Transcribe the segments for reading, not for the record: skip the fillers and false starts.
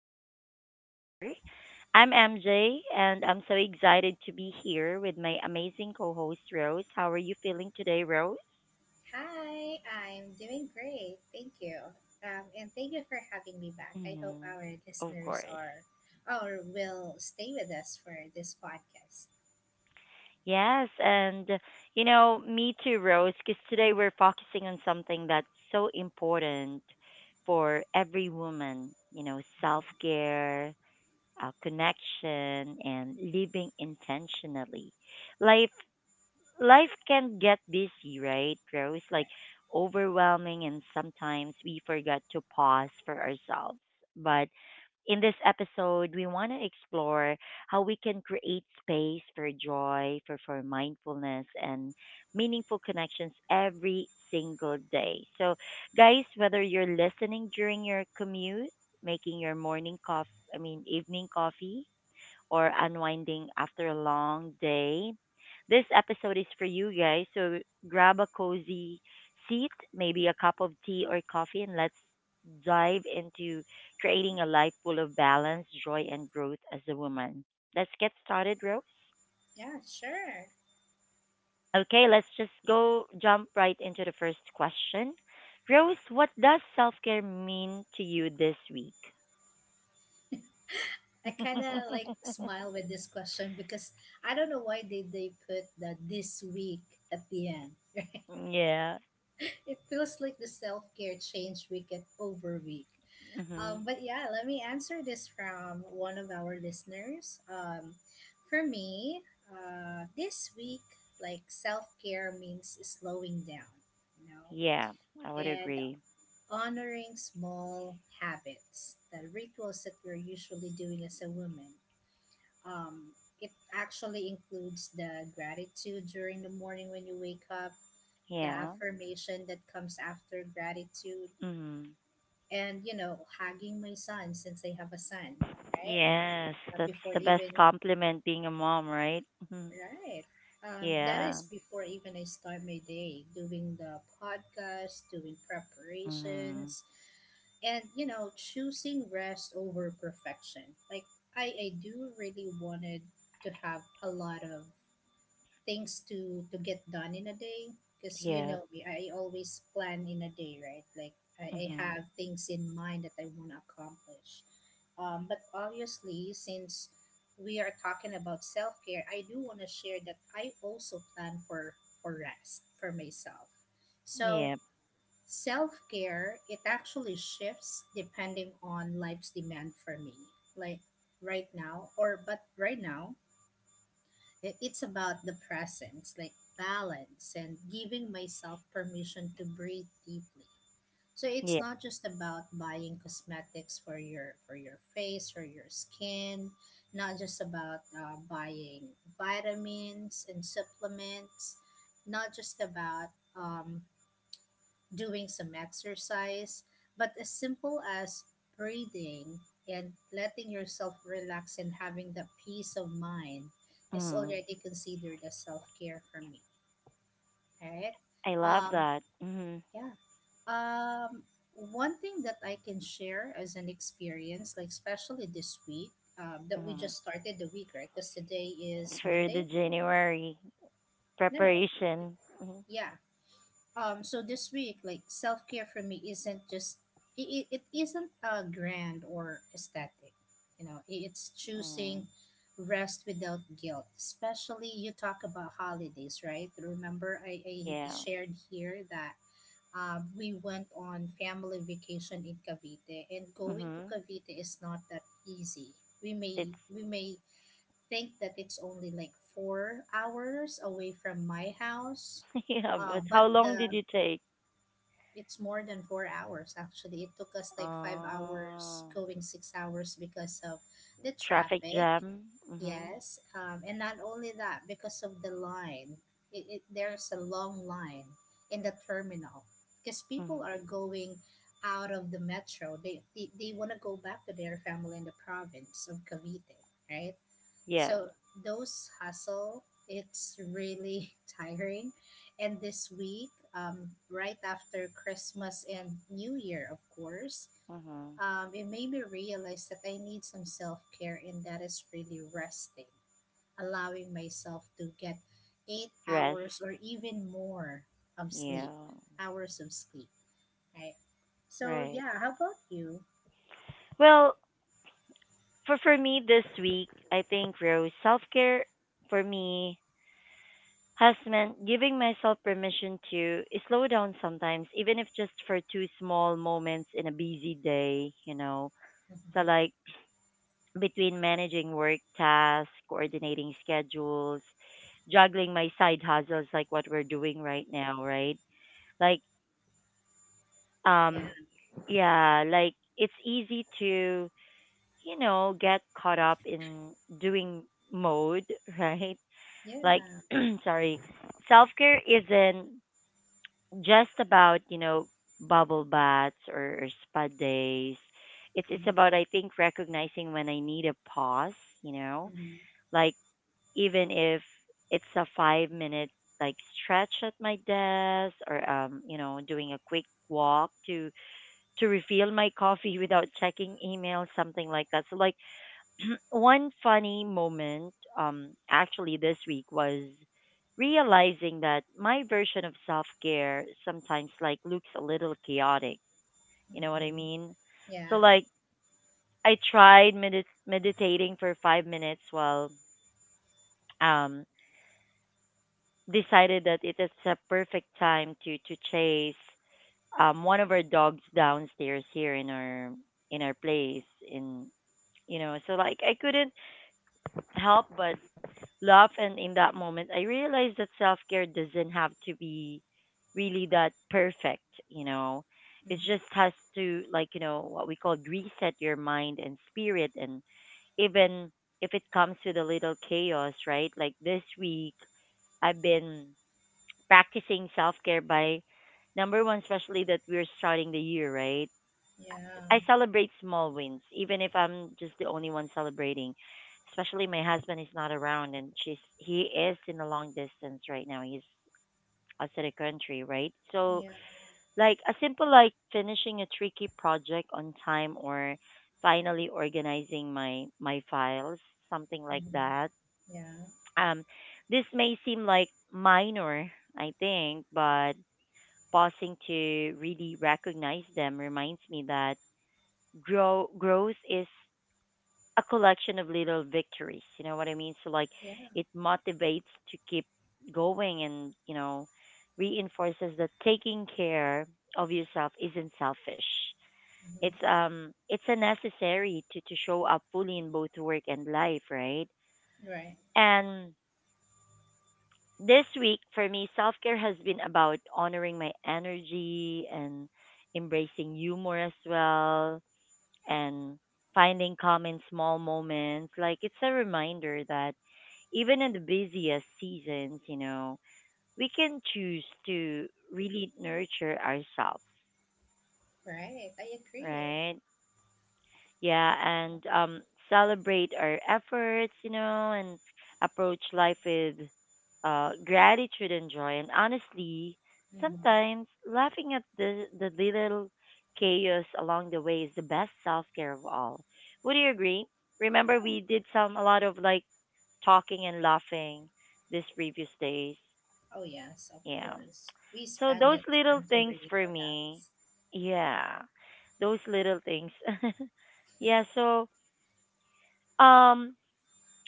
Woman's Hour. I'm MJ, and I'm so excited to be here with my amazing co host, Rose. How are you feeling today, Rose? Hi, I'm doing great. Thank you. And thank you for having me back. I hope Hmm. our Of listeners course. are or will stay with us for this podcast. Yes, and me too, Rose, because today we're focusing on something that's so important for every woman, self Right. care, connection, and living intentionally. Life life can get busy, right, Rose? Like Right. overwhelming, and sometimes we forget to pause for ourselves. But in this episode, we want to explore how we can create space for joy, for mindfulness, and meaningful connections every single day. So, guys, whether you're listening during your commute, making your morning coffee, I mean, evening coffee, or unwinding after a long day. This episode is for you guys, so grab a cozy seat, maybe a cup of tea or coffee, and let's dive into creating a life full of balance, joy, and growth as a woman. Let's get started, Rose. Yeah, sure. Okay, let's just go jump right into the first question. Rose, what does self care mean to you this week? I kind of like smile with this question because I don't know why did they put the this week at the end. Yeah. It feels like the self-care change week at over week. Hmm. But yeah, let me answer this from one of our listeners. For me, this week, like self care means slowing down, you know, Yeah, I would and agree. honoring small habits, the rituals that we're usually doing as a woman. Um, it actually includes the gratitude during the morning when you wake up, the Yeah. affirmation that comes after gratitude, Hmm. and, you know, hugging my son since I have a son, right? Yes, that's before the best even compliment being a mom, right? Hmm. Right. That Yeah. is before even I start my day doing the podcast, doing Hmm. preparations, and you know, choosing rest over perfection. Like I do really wanted to have a lot of things to get done in a day, because you Yeah. know me, I always plan in a day, right? Like I Hmm. have things in mind that I want to accomplish. But obviously, since we are talking about self-care, I do want to share that I also plan for rest for myself. So Yeah. self-care, it actually shifts depending on life's demand for me. Like right now, it's about the presence, like balance and giving myself permission to breathe deeply. So it's Yeah. not just about buying cosmetics for your face or your skin, not just about buying vitamins and supplements, not just about um, doing some exercise, but as simple as breathing and letting yourself relax and having that peace of mind is Hmm. already considered as self care for me, right? I love Um, that. Hmm. yeah. Um, One thing that I can share as an experience, like especially this week, that we Hmm. just started the week, right? Because today is For the Monday. January No, no. preparation. Hmm. Yeah. So this week, like self care for me isn't just it, it, it isn't grand or aesthetic, you know. It's Mm. choosing rest without guilt. Especially you talk about holidays, right? Remember, I Yeah. shared here that we went on family vacation in Cavite, and going to Hmm. Cavite is not that easy. We may It's we may think that it's only like 4 hours away from my house, yeah, but but how long did the you take? it's more than 4 hours actually. It took us like 5 hours Oh, going 6 hours because of the traffic traffic. jam. Hmm. Yes, and not only that, because of the line, there's a long line in the terminal because people Hmm. are going out of the metro. They want to go back to their family in the province of Cavite, right? Yeah. So those hustle, it's really tiring. And this week, right after Christmas and New Year, of course, Hmm. It made me realize that I need some self care, and that is really resting, allowing myself to get eight Rest. hours or even more of Yeah, sleep, hours of sleep, right? So right. yeah, how about you? Well, for me this week, I think Rose self care for me has meant giving myself permission to slow down sometimes, even if just for two small moments in a busy day. You know, so Mhm. like between managing work tasks, coordinating schedules, juggling my side hustles like what we're doing right now, right? Like Yeah, um yeah, like it's easy to get caught up in doing mode, right? Like, yeah, sorry, self care isn't just about, bubble baths or spa days. It's hmm about, I think, recognizing when I need a pause, you know, hmm like even if it's a 5 minute like stretch at my desk or, you know, doing a quick walk to refill my coffee without checking email something like that so like one funny moment, actually this week was realizing that my version of self care sometimes like looks a little chaotic. You know what I hmm mean? So yeah. like I tried meditating for 5 minutes while um decided that it is a perfect time to chase one of our dogs downstairs here in our place in you know so like I couldn't help but laugh. And in that moment, I realized that self care doesn't have to be really that perfect, you know. It hmm just has to, like, you know, what we call reset your mind and spirit. And even if it comes with a little chaos, right? Like this week, I've been practicing self care by number one, especially that we're starting the year, right? Yeah, I celebrate small wins, even if I'm just the only one celebrating. Especially my husband is not around, and she's he is in a long distance right now. He's outside the country, right? So, yeah, like a simple like finishing a tricky project on time, or finally organizing my files, something like mhm, that. yeah, Um, this may seem like minor, I think, but pausing to really recognize them reminds me that growth is a collection of little victories. You know what I mean? So like yeah, it motivates to keep going and, you know, reinforces that taking care of yourself isn't selfish. mhm, It's a necessary to show up fully in both work and life, right? right, And this week for me self care has been about honoring my energy and embracing humor as well and finding calm in small moments. Like it's a reminder that even in the busiest seasons, you know, we can choose to really nurture ourselves, right. I agree. right? Yeah, and celebrate our efforts, you know, and approach life with gratitude and joy. And honestly, Mhm, sometimes laughing at the little chaos along the way is the best self care of all. Would you agree? Remember, yeah. we did some a lot of like talking and laughing this previous days. Oh yes, of Yeah. course. We So spend those that little time to things really for me, relax. yeah, those little things. Yeah. So um,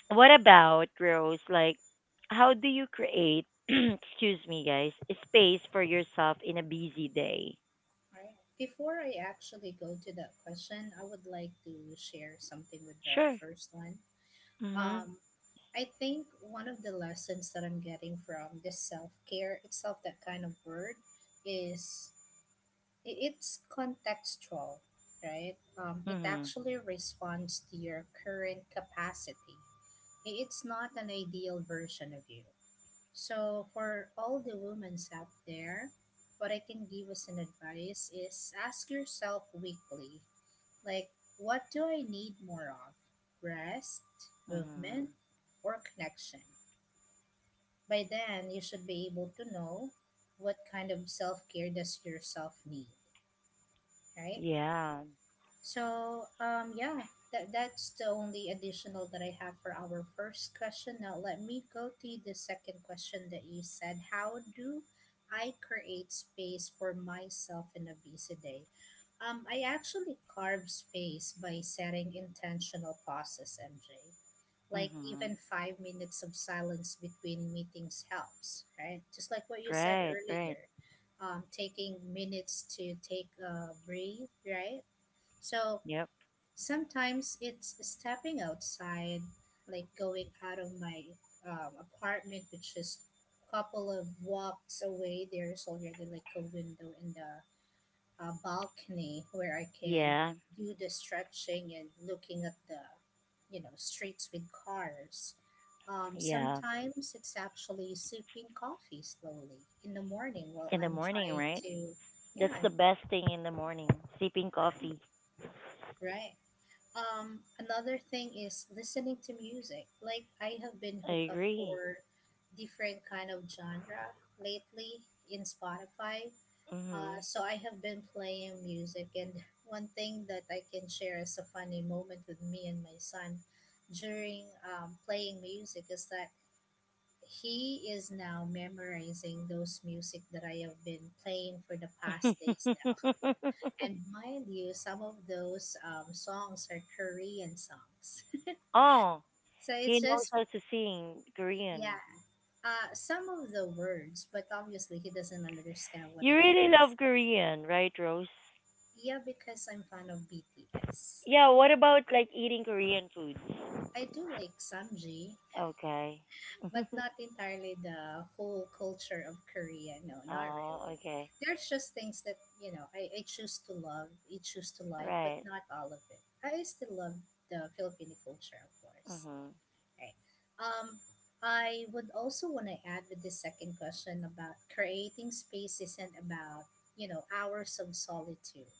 what about Rose? Like, how do you create, excuse me, guys, space for yourself in a busy day? Right. Before I actually go to that question, I would like to share something with the Sure. first one. Mhm. Um, I think one of the lessons that I'm getting from this self care itself, that kind of word, is it's contextual, right? It Mhm. actually responds to your current capacity. It's not an ideal version of you. So, for all the women out there, what I can give as an advice is ask yourself weekly, like, what do I need more of? Rest, movement, Mhm. or connection? By then, you should be able to know what kind of self care does yourself need, right? Yeah. So, yeah, that's the only additional that I have for our first question. Now, let me go to the second question that you said. How do I create space for myself in a busy day? I actually carve space by setting intentional pauses, MJ. Like Mhm. even 5 minutes of silence between meetings helps, right? Just like what you said Right. Right. earlier, taking minutes to take a breathe, right? So Yep. sometimes it's stepping outside, like going out of my apartment, which is a couple of walks away. There's already like a window in the balcony where I can Yeah. do the stretching and looking at the, you know, streets with cars. Yeah. Sometimes it's actually sipping coffee slowly in the morning while In the I'm morning, trying right? to, yeah, That's I'm the best thing in the morning. Sipping coffee. trying, right. Another thing is listening to music. Like I have been I hooked up agree. for different kind of genre lately in Spotify. Mhm. So I have been playing music, and one thing that I can share as a funny moment with me and my son during playing music is that he is now memorizing those music that I have been playing for the past days now. And mind you, some of those songs are Korean songs. Oh, So he it's knows just how to sing yeah, Korean. Some of the words, but obviously he doesn't understand what You it really is. love Korean, right, Rose? Yeah, because I'm fan of BTS. Yeah, what about like eating Korean foods? I do like Samji, Okay. but not entirely the whole culture of Korea. No, not Oh, really. okay. There's just things that you know I choose to love, I choose to like, but Right. not all of it. I still love the Filipino culture, of course. Mhm. Okay. Um, I would also want to add with this second question about creating space isn't about, you know, hours of solitude.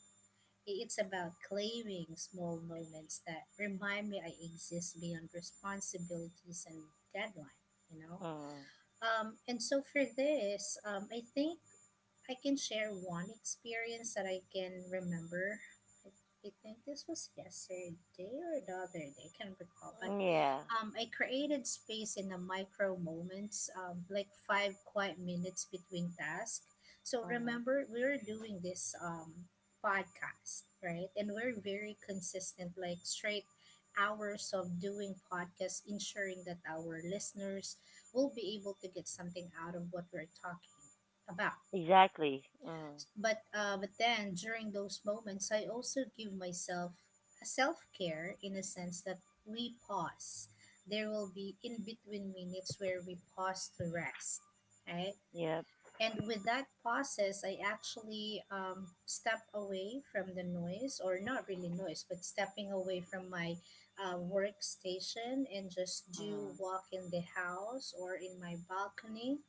It's about claiming small moments that remind me I exist beyond responsibilities and deadline, you know? Mhm. And so for this, I think I can share one experience that I can remember. I I think this was yesterday or the other day, I can't recall, but Yeah. I created space in the micro moments, like five quiet minutes between tasks. So Mhm. remember, we're doing this podcast, right? And we're very consistent, like straight hours of doing podcasts, ensuring that our listeners will be able to get something out of what we're talking about. Exactly. Mhm. But then during those moments, I also give myself a self care in a sense that we pause. There will be in between minutes where we pause to rest, right? Yep. And with that process, I actually step away from the noise, or not really noise, but stepping away from my workstation and just do Mhm. walk in the house or in my balcony,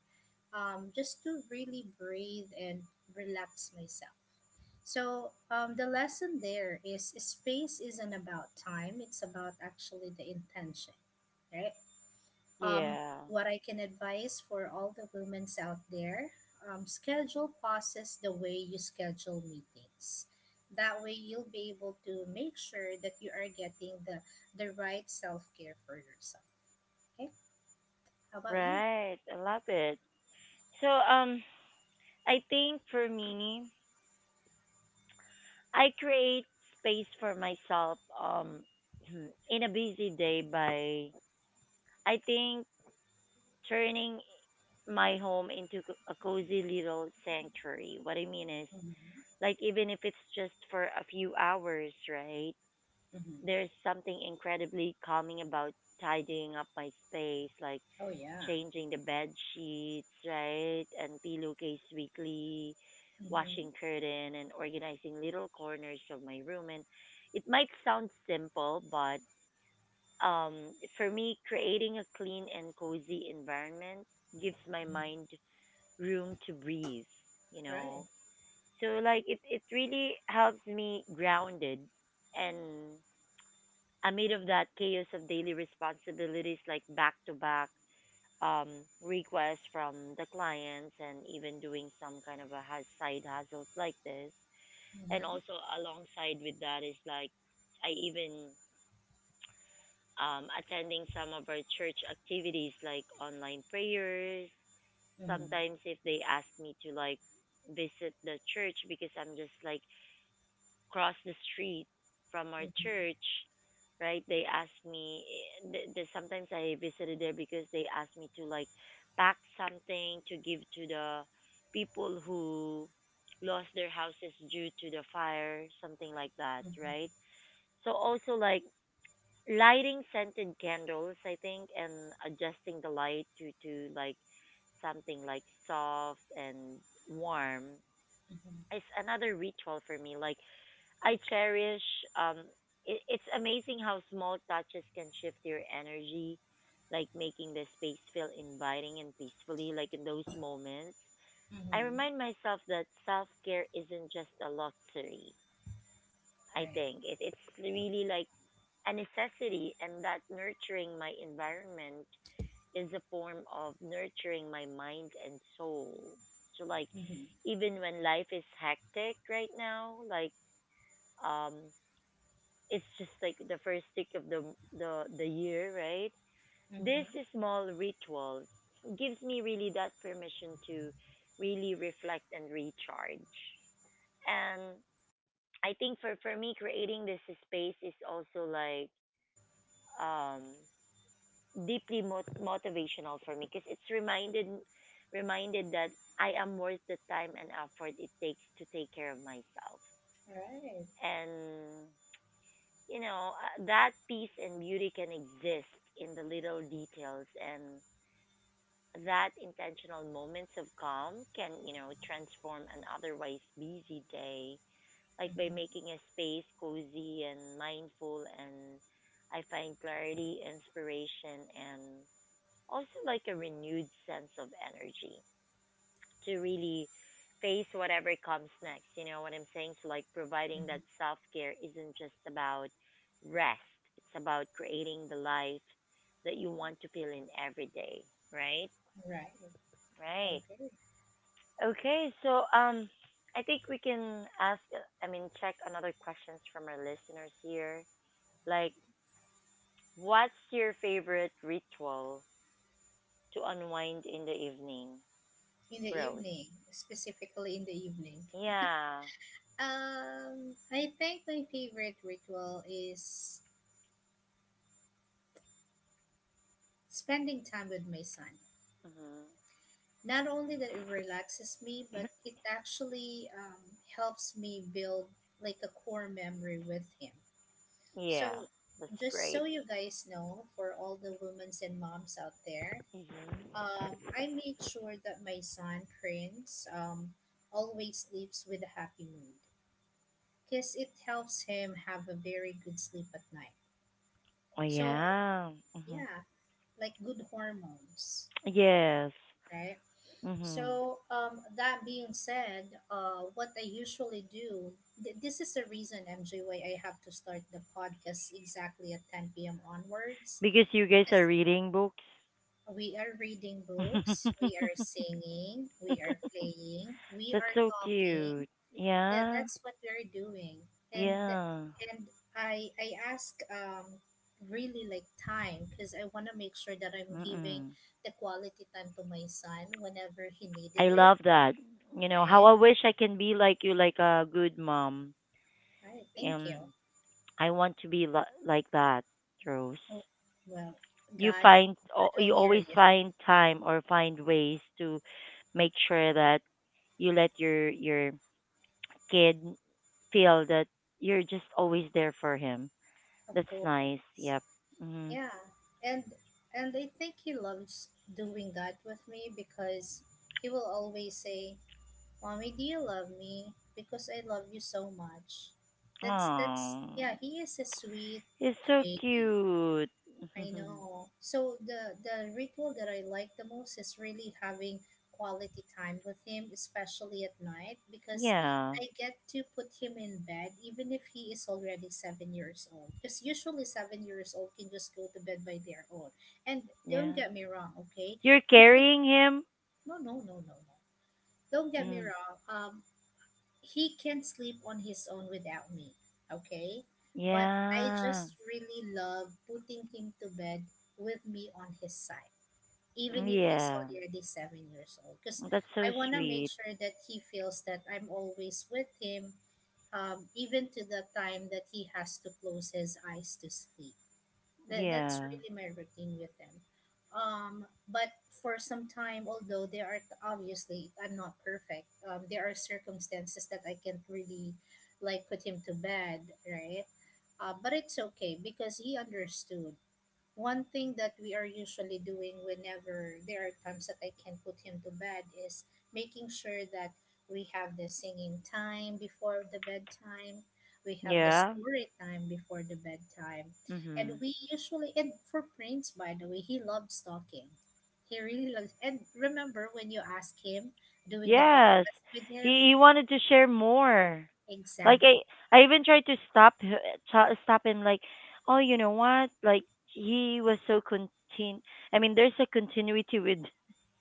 just to really breathe and relax myself. So the lesson there is space isn't about time; it's about actually the intention, right? Um, Yeah. what I can advise for all the women's out there: schedule pauses the way you schedule meetings. That way, you'll be able to make sure that you are getting the right self care for yourself. Okay, how about you? Right. I love it. So, I think for me, I create space for myself, in a busy day by, I think, turning my home into a cozy little sanctuary. What I mean is, like, even if it's just for a few hours, right? Hmm There's something incredibly calming about tidying up my space, like Oh yeah. changing the bed sheets, right? And pillowcase weekly, Mm-hmm. washing curtain, and organizing little corners of my room. And it might sound simple, but um, for me, creating a clean and cozy environment gives my mind room to breathe, you Right. know. So like it really helps me grounded and amid of that chaos of daily responsibilities like back to back requests from the clients and even doing some kind of a side hustles like this and Mhm. also alongside with that is like I even attending some of our church activities like online prayers Mhm. sometimes if they ask me to like visit the church because I'm just like cross the street from our Mhm. church, right? They ask me sometimes I visited there because they asked me to like pack something to give to the people who lost their houses due to the fire, something like that, Mhm. right? So also like lighting scented candles, I think, and adjusting the light to like something like soft and warm Mhm. is another ritual for me. Like I cherish um it's amazing how small touches can shift your energy, like making the space feel inviting and peacefully like in those moments. I Mhm. remind myself that self-care isn't just a luxury. I Right. think it's really like a necessity and that nurturing my environment is a form of nurturing my mind and soul. So like Mhm. even when life is hectic right now, like um it's just like the first tick of the year, right? Mhm. These Right. small rituals gives me really that permission to really reflect and recharge. And I think for me creating this space is also like um deeply motivational for me because it's reminded that I am worth the time and effort it takes to take care of myself. And you know, that peace and beauty can exist in the little details and that intentional moments of calm can, you know, transform an otherwise busy day like by Mhm. making a space cozy and mindful and I find clarity, inspiration and also like a renewed sense of energy to really face whatever comes next. You know what I'm saying? So, like, providing Mhm. that self care isn't just about rest, it's about creating the life that you want to feel in every day, right? Right. I Right. agree. Okay, so I think we can ask, I mean, check another questions from our listeners here. Like, what's your favorite ritual to unwind in the evening, In the Rose? evening, specifically in the evening. Yeah. I think my favorite ritual is spending time with my son. Mm-hmm. Not only that it relaxes me, but it actually helps me build like a core memory with him. Yeah, So, that's just so great. you guys know, for all the women's and moms out there, Hmm. I make sure that my son Prince always sleeps with a happy mood because it helps him have a very good sleep at night. Oh, So, yeah. Mm-hmm. yeah, like good hormones, Yes. right? Mm-hmm. So, that being said, what I usually do, this is the reason, MJ, why I have to start the podcast exactly at 10 p.m. onwards. Because you guys are reading books. We are reading books, we are singing, we are playing, we That's are so talking. cute. That Yeah. that's what we are doing. And th- Yeah. and I ask really like time because I want to make sure that I'm giving Mm-mm. the quality time to my son whenever he needed I it, love that. You know, how right? I wish I can be like you, like a good mom. Right, thank you. And I want to be like that, Rose. Oh, well, You God, find I will you hear always you. find time or find ways to make sure that you let your kid feel that you're just always there for him. Of That's nice. course. Yep. Mhm. Yeah, and I think he loves doing that with me because he will always say, "Mommy, do you love me? Because I love you so much." That's Oh, yeah. He is a sweet he's so baby. cute. I know. So the ritual that I like the most is really having quality time with him, especially at night, because Yeah. I get to put him in bed even if he is already 7 years old. Because usually 7 years old can just go to bed by their own. And don't Yeah. get me wrong, okay? You're He could, carrying him. no. Don't get me Mm. wrong. He can sleep on his own without me, okay? But I just Yeah. really love putting him to bed with me on his side, even if he's Yeah. already 7 years old. Because That's so I want to make sweet. sure that he feels that I'm always with him, even to the time that he has to close his eyes to sleep. That's Yeah. really my routine with them. But for some time, although there are obviously I'm not perfect. There are circumstances that I can't really like put him to bed, right? But it's okay because he understood. One thing that we are usually doing whenever there are times that I can put him to bed is making sure that we have the singing time before the bedtime, we have the Yeah. story time before the bedtime, and Mhm. we usually and for Prince, by the way, he loves talking. He really loves. And remember when you ask him doing the Yes. podcast with He him, wanted to share more. Like exactly. I even tried to stop stop him like, "Oh, you know what? Like he was so contin I mean, there's a continuity with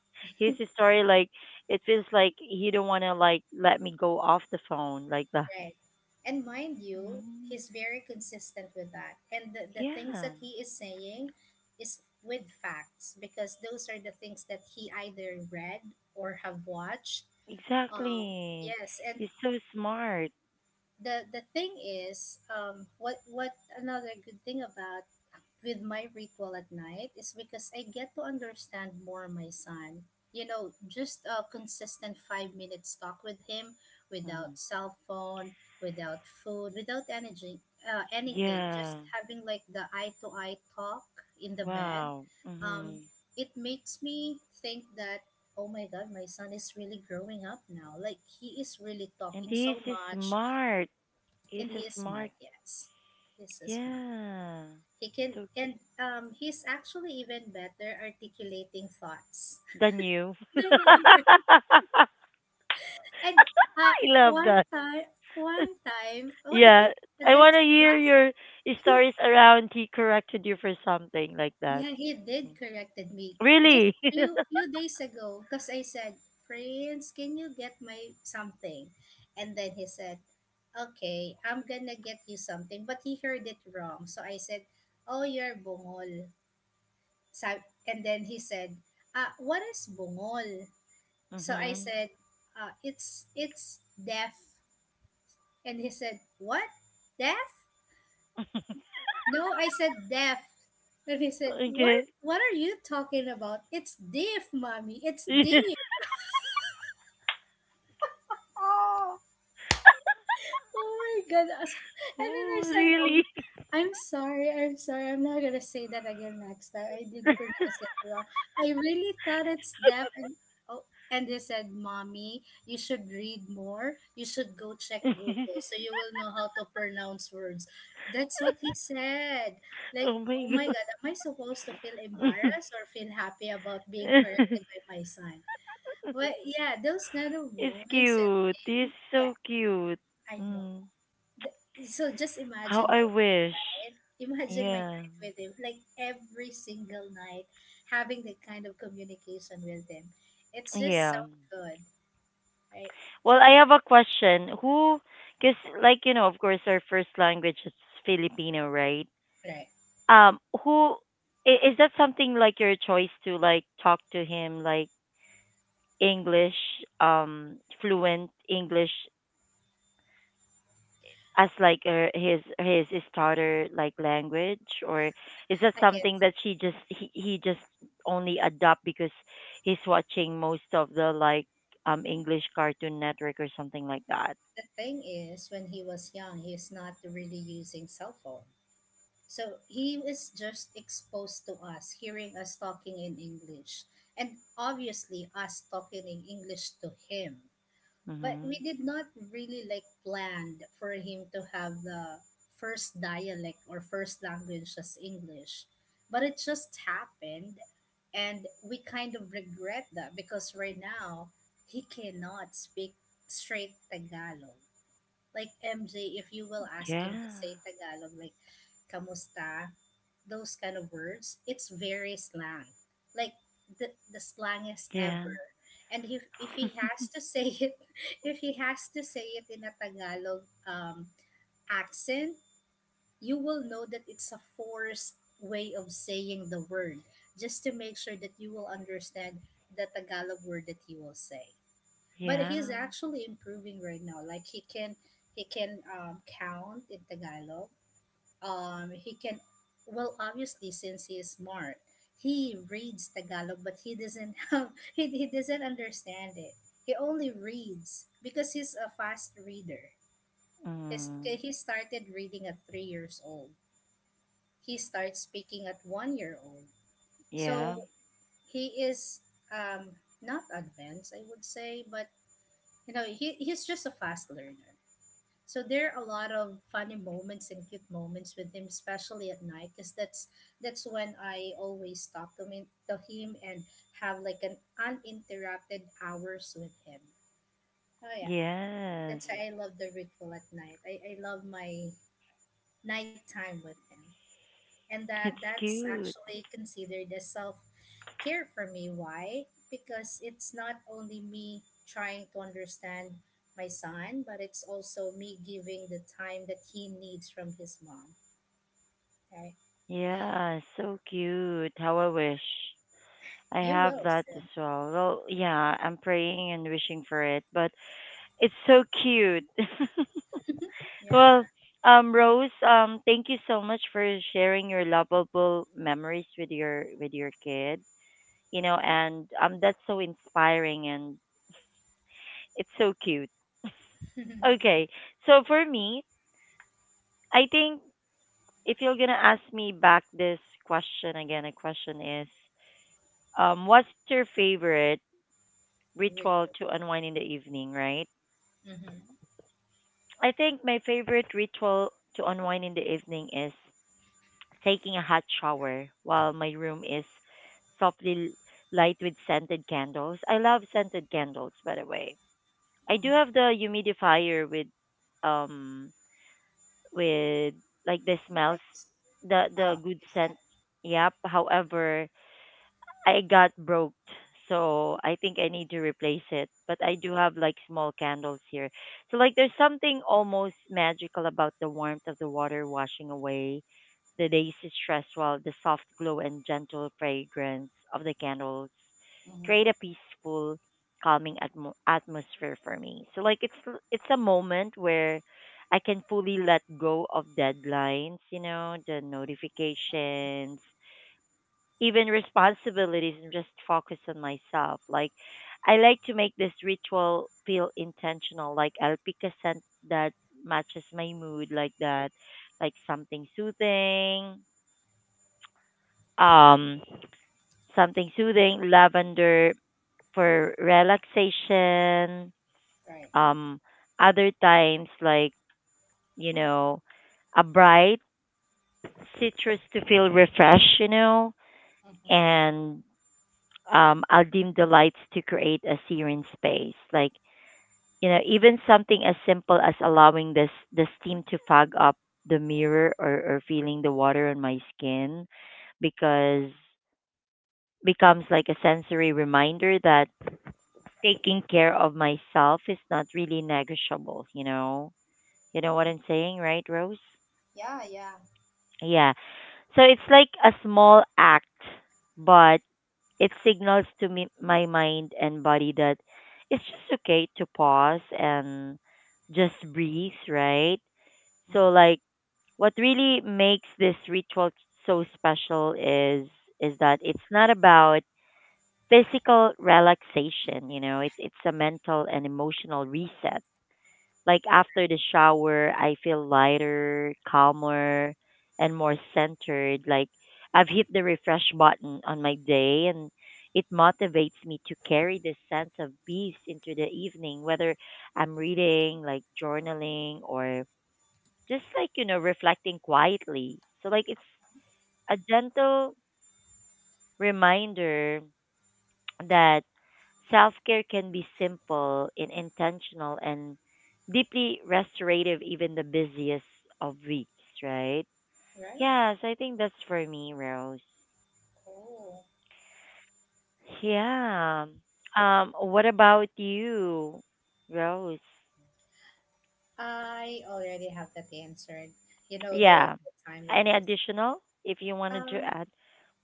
his story like it feels like he don't want to like let me go off the phone like that." Right. And mind you, Mm, he's very consistent with that. And the things yeah. that he is saying is with facts because those are the things that he either read or have watched. Um, Exactly. yes, and He's so smart. the thing is, what another good thing about with my ritual at night is because I get to understand more my son. You know, just a consistent 5 minutes talk with him Mhm. without cell phone, without food, without energy, anything. Just Yeah. having like the eye to eye talk in the bed. Wow. Um, Mhm. it makes me think that, oh my God, my son is really growing up now. Like he is really And talking he's so much smart. He's and he a is smart. smart Yes, he's so smart. Yeah. He can, So and He's actually even better articulating thoughts than you. than I am. I And uh, love one that. time, one time, well, I Yeah. think that I want that's to hear last. your stories around he corrected you for something like that. Yeah, he Mm. did corrected me just Really? few days ago because I said, "Friends, can you get my something?" And then he said, "Okay, I'm gonna get you something," but he heard it wrong. So I said, "Oh, you're bungol." So, and then he said, "Ah, what is bungol?" So I Mhm. said, it's deaf. And he said, what? Deaf? No, I said deaf. And he said, what? Okay. What are you talking about? It's deaf, mommy. It's deaf. Oh. Oh my god. And then I Oh, said, oh, really? I'm sorry, I'm sorry. I'm not gonna say that again next time. I did pronounce it wrong. I really thought it's deaf and oh and they said, Mommy, you should read more. You should go check Google so you will know how to pronounce words. That's what he said. Like, Oh my oh my god, am I supposed to feel god. embarrassed or feel happy about being corrected by my son? But yeah, those kind of It's moments cute. He's and so yeah, cute. I know. Mm. The- so just How I wish. Imagine my Yeah. night with him like every single night having that kind of communication with him, it's just so Yeah. good, right? Well, I So have a question. Because like, of course, our first language is Filipino, right? right, Who is that something like your choice to like talk to him like English, fluent English as like his starter like language, or is that I something guess that she just he just only adopt because he's watching most of the like English Cartoon Network or something like that? the thing is when he was young, he's not really using cell phone, so he is just exposed to us hearing us talking in English, and obviously us talking in English to him, but Mm-hmm. we did not really like planned for him to have the first dialect or first language as English. But it just happened and we kind of regret that because right now he cannot speak straight Tagalog. Like MJ, if you will ask him to Yeah. say Tagalog like kamusta, those kind of words, it's very slang, like the slangest Yeah. ever. And if he has to say it, if he has to say it in a Tagalog um, accent, you will know that it's a forced way of saying the word, just to make sure that you will understand the Tagalog word that he will say. But Yeah. he's actually improving right now. Like he can count in Tagalog, he can, well obviously since he is smart he reads Tagalog but he doesn't have he doesn't understand it, he only reads because he's a fast reader. He's, Mm. he started reading at 3 years old, he starts speaking at 1 year old, Yeah. so he is um not advanced I would say, but you know he's just a fast learner. So there are a lot of funny moments and cute moments with him, especially at night, because that's when I always talk to him and have like an uninterrupted hours with him. Oh yeah, Yes. that's why I love the ritual at night. I love my nighttime with him and that It's that's cute. actually considered as self care for me. Why? Because it's not only me trying to understand my son, but it's also me giving the time that he needs from his mom. Okay, Yeah, so cute. How I wish. I you have will that as soon. well. Well, yeah, I'm praying and wishing for it, but it's so cute. Well, Yeah. Rose, thank you so much for sharing your lovable memories with your kid. You know, and that's so inspiring and it's so cute. Okay, so for me, I think if you're gonna ask me back this question again, the question is, what's your favorite Very ritual to unwind in the evening? Right? cool. Mm-hmm. I think my favorite ritual to unwind in the evening is taking a hot shower while my room is softly light with scented candles. I love scented candles, by the way. I do have Mm-hmm. the humidifier um with like the I smells s- the oh, good you said scent. Yep. However, I got broke, so I think I need to replace it. But I do have like small candles here. So like there's something almost magical about the warmth of the water washing away the day's stress while the soft glow and gentle fragrance of the candles create a mm-hmm. peaceful, calming atmosphere for me. So like it's a moment where I can fully let go of deadlines, you know, the notifications, even responsibilities and just focus on myself. Like I like to make this ritual feel intentional. Like I'll pick a scent that matches my mood like that. Like something soothing. Um Something soothing, lavender for relaxation. Right. Um Other times like, you know, a bright citrus to feel refreshed, you know, Mm-hmm. and I'll dim the lights to create a serene space. Like, you know, even something as simple as allowing this the steam to fog up the mirror or feeling the water on my skin Yeah. because becomes like a sensory reminder that taking care of myself is not really negotiable, you know. You know what I'm Mm-hmm. saying, right, Rose? Yeah, yeah. Yeah. So it's like a small act, but it signals to me, my mind and body that it's just okay to pause and just breathe, right? So like Mm-hmm. what really makes this ritual so special is that it's not about physical relaxation, you know, it's a mental and emotional reset like after the shower, I feel lighter, calmer, and more centered. Like I've hit the refresh button on my day, and it motivates me to carry this sense of peace into the evening, whether I'm reading, like journaling, or just like, you know, reflecting quietly. So, like, it's a gentle reminder that self care can be simple and intentional and deeply restorative, even the busiest of weeks, right? Right. Yes, I think that's for me, Rose. Cool. Yeah. What about you, Rose? I already have that answered. You know, though Yeah. the time with Any my son. additional if you wanted to Um, add?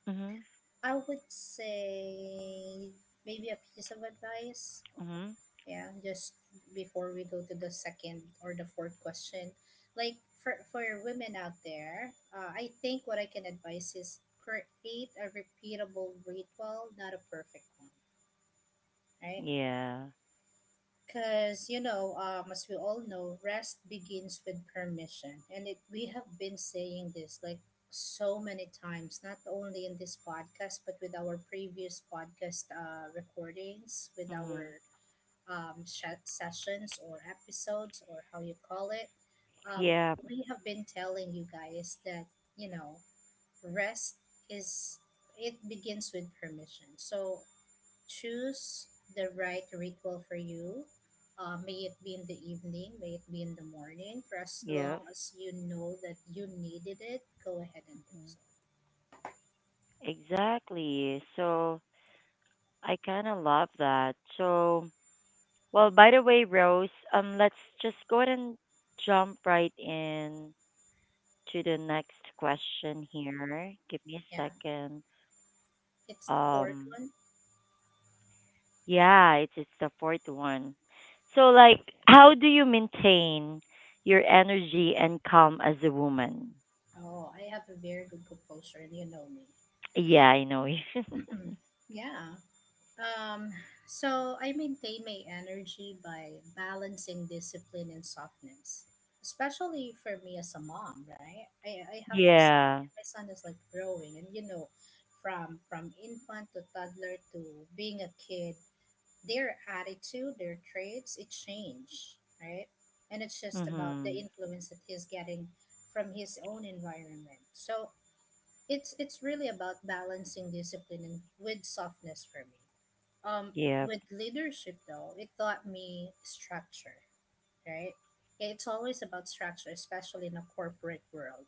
Mm-hmm. I would say maybe a piece of advice. Mm-hmm. Yeah, just before we go to the second or the fourth question, like for women out there, I think what I can advise is create a repeatable ritual, not a perfect one. Right. Yeah. Because, you know, as we all know, rest begins with permission. And it, we have been saying this like so many times, not only in this podcast, but with our previous podcast recordings, with Mm-hmm. our sessions or episodes, or how you call it. Um, Yeah. we have been telling you guys that, you know, rest is, it begins with permission. So choose the right ritual for you. May it be in the evening, may it be in the morning, for as Yeah. long as you know that you needed it, go ahead and do Hmm. so. Exactly. So I kind of love that. So, well, by the way, Rose, let's just go ahead and jump right in to the next question here. Give me a Yeah, second. it's the fourth Um, one. yeah, it's the fourth one. So, like, how do you maintain your energy and calm as a woman? Oh, I have a very good composure, and you know me. Yeah, I know. Yeah. Um, so I maintain my energy by balancing discipline and softness, especially for me as a mom, right? I have my son. Yeah. My son is like growing, and you know, from infant to toddler to being a kid, their attitude, their traits, it change, right? And it's just about the Mhm. influence that he's getting from his own environment. So it's really about balancing discipline and with softness for me, um, Yeah. with leadership though it taught me structure, right? Yeah, it's always about structure, especially in a corporate world,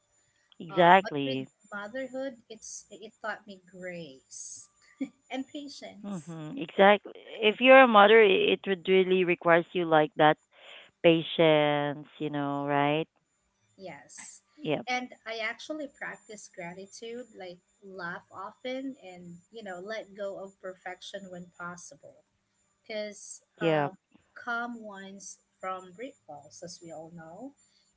but with Exactly. motherhood it's it taught me grace and patience. Mm-hmm. Exactly. If you're a mother, it would really requires you like that patience, you know, right? Yes, Yep. and I actually practice gratitude, like laugh often and you know let go of perfection when possible, because Yep. calm wines from rituals, as we all know,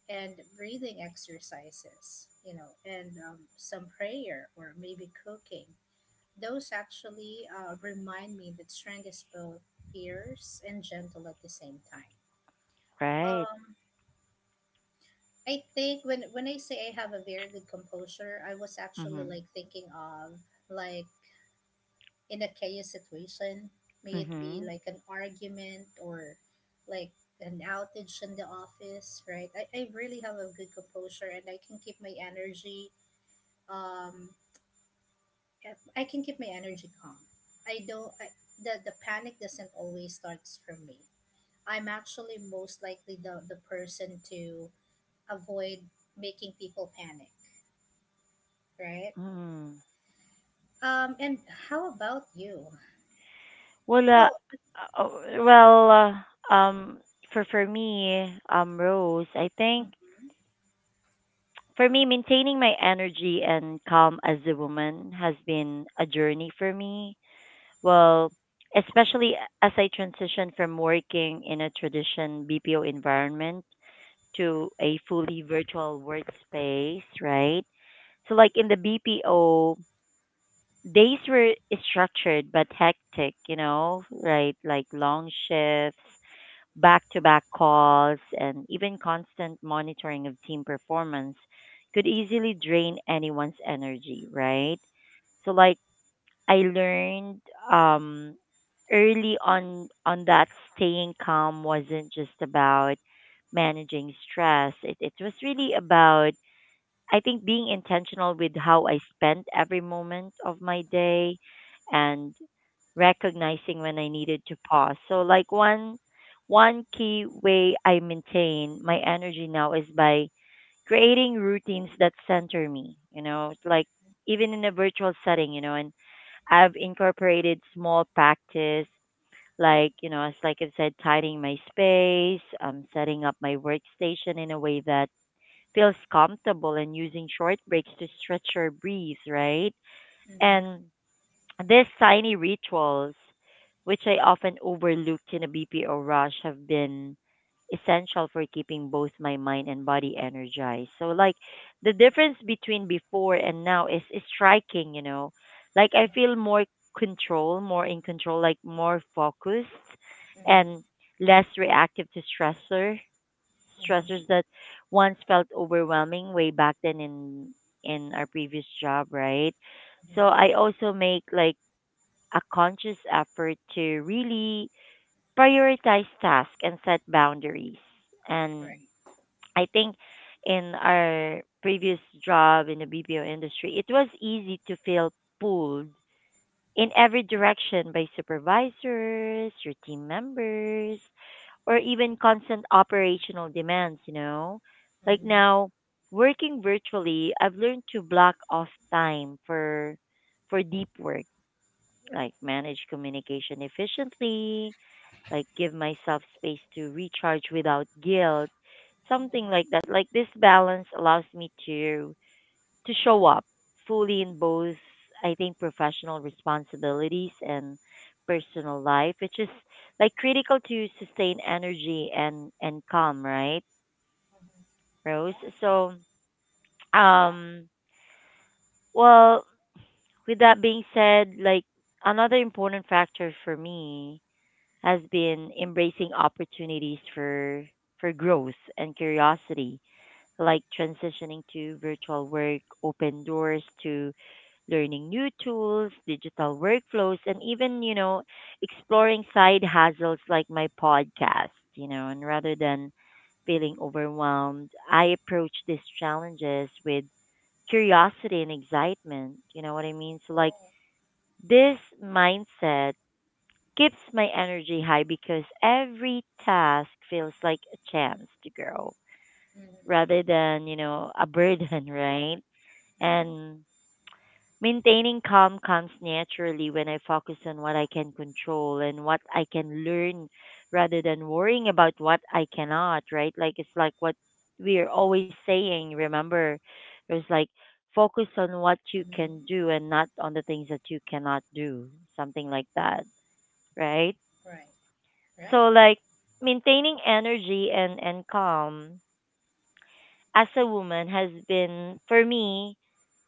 and breathing exercises, you know, and some prayer or maybe cooking. Those actually remind me that strength is both fierce and gentle at the same time. Right. Um, I think when I say I have a very good composure, I was actually Mm-hmm. like thinking of like in a chaos situation, may it be Mm-hmm. like an argument or like an outage in the office, right? I really have a good composure and I can keep my energy um I can keep my energy calm. I don't I, The panic doesn't always starts from me. I'm actually most likely the person to avoid making people panic, right? Mm-hmm. And how about you? Well, uh, Oh, uh, well, uh, um, for for me, Rose, I think mhm, for me, maintaining my energy and calm as a woman has been a journey for me. Well, especially as I transitioned from working in a tradition BPO environment to a fully virtual workspace, right? So, like in the BPO, days were structured but hectic, you know, right? Like long shifts, back to back calls, and even constant monitoring of team performance could easily drain anyone's energy, right? So, like, I learned um, early on that staying calm wasn't just about managing stress. It was really about I think being intentional with how I spent every moment of my day and recognizing when I needed to pause. So like one key way I maintain my energy now is by creating routines that center me, you know, it's like even in a virtual setting, you know, and I've incorporated small practice, like, you know, as like I've said, tidying my space, setting up my workstation in a way that feels comfortable and using short breaks to stretch or breathe, right? mhm, And these tiny rituals, which I often overlook in a BPO rush, have been essential for keeping both my mind and body energized. So, like, the difference between before and now is striking, you know. Like, I feel more control, more in control, like more focused mhm, mhm, and less reactive to mhm. stressors that once felt overwhelming way back then in our previous job, right? So I Mhm. also make like a conscious effort to really prioritize tasks and set boundaries. And Right. I think in our previous job in the BPO industry, it was easy to feel pulled in every direction by supervisors, your team members, or even constant operational demands, you know? Like Mhm. now, working virtually, I've learned to block off time for deep work like manage communication efficiently, like give myself space to recharge without guilt, Mhm. something like that. Like this balance allows me to show up fully in both I think professional responsibilities and personal life, which is like critical to sustain energy and calm, right, Mhm. Rose? Yeah. So, Yeah. um, well, with that being said, like another important factor for me has been embracing opportunities for growth and curiosity, like transitioning to virtual work, open doors to learning new tools, digital workflows, and even, you know, exploring side hustles like my podcast, you know, and rather than feeling overwhelmed, I approach these challenges with curiosity and excitement. You know what I mean? So like Oh. this mindset keeps my energy high because every task feels like a chance to grow Mhm. rather than, you know, a burden, right? Right. And maintaining calm comes naturally when I focus on what I can control and what I can learn rather than worrying about what I cannot, right? Like it's like what we're always saying, remember? It was like Mhm. focus on what you can do and not on the things that you cannot do, something like that, Right. right? Right. So like maintaining energy and calm as a woman has been for me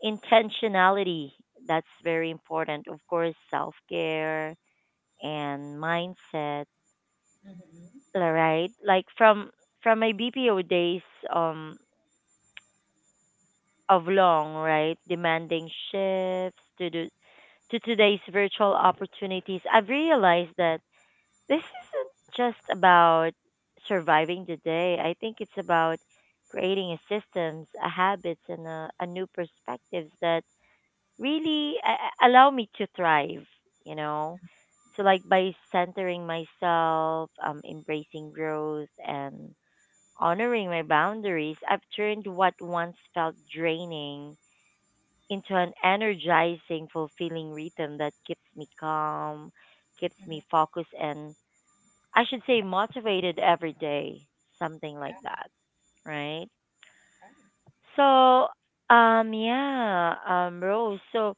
intentionality. That's very important. Of course, self-care and mindset, Mhm. all right? Like from my BPO days um of long, right? Demanding shifts to the to today's virtual opportunities. I've realized that this isn't just about surviving the day. I think it's about creating a systems, a habits, and a new perspectives that really allow me to thrive. You know, so like by centering myself, embracing growth, and honoring my boundaries, I've turned what once felt draining into an energizing, fulfilling rhythm that keeps me calm, keeps Mhm. me focused, and I should say motivated every day, something like that, right? Right. So, yeah, Rose. So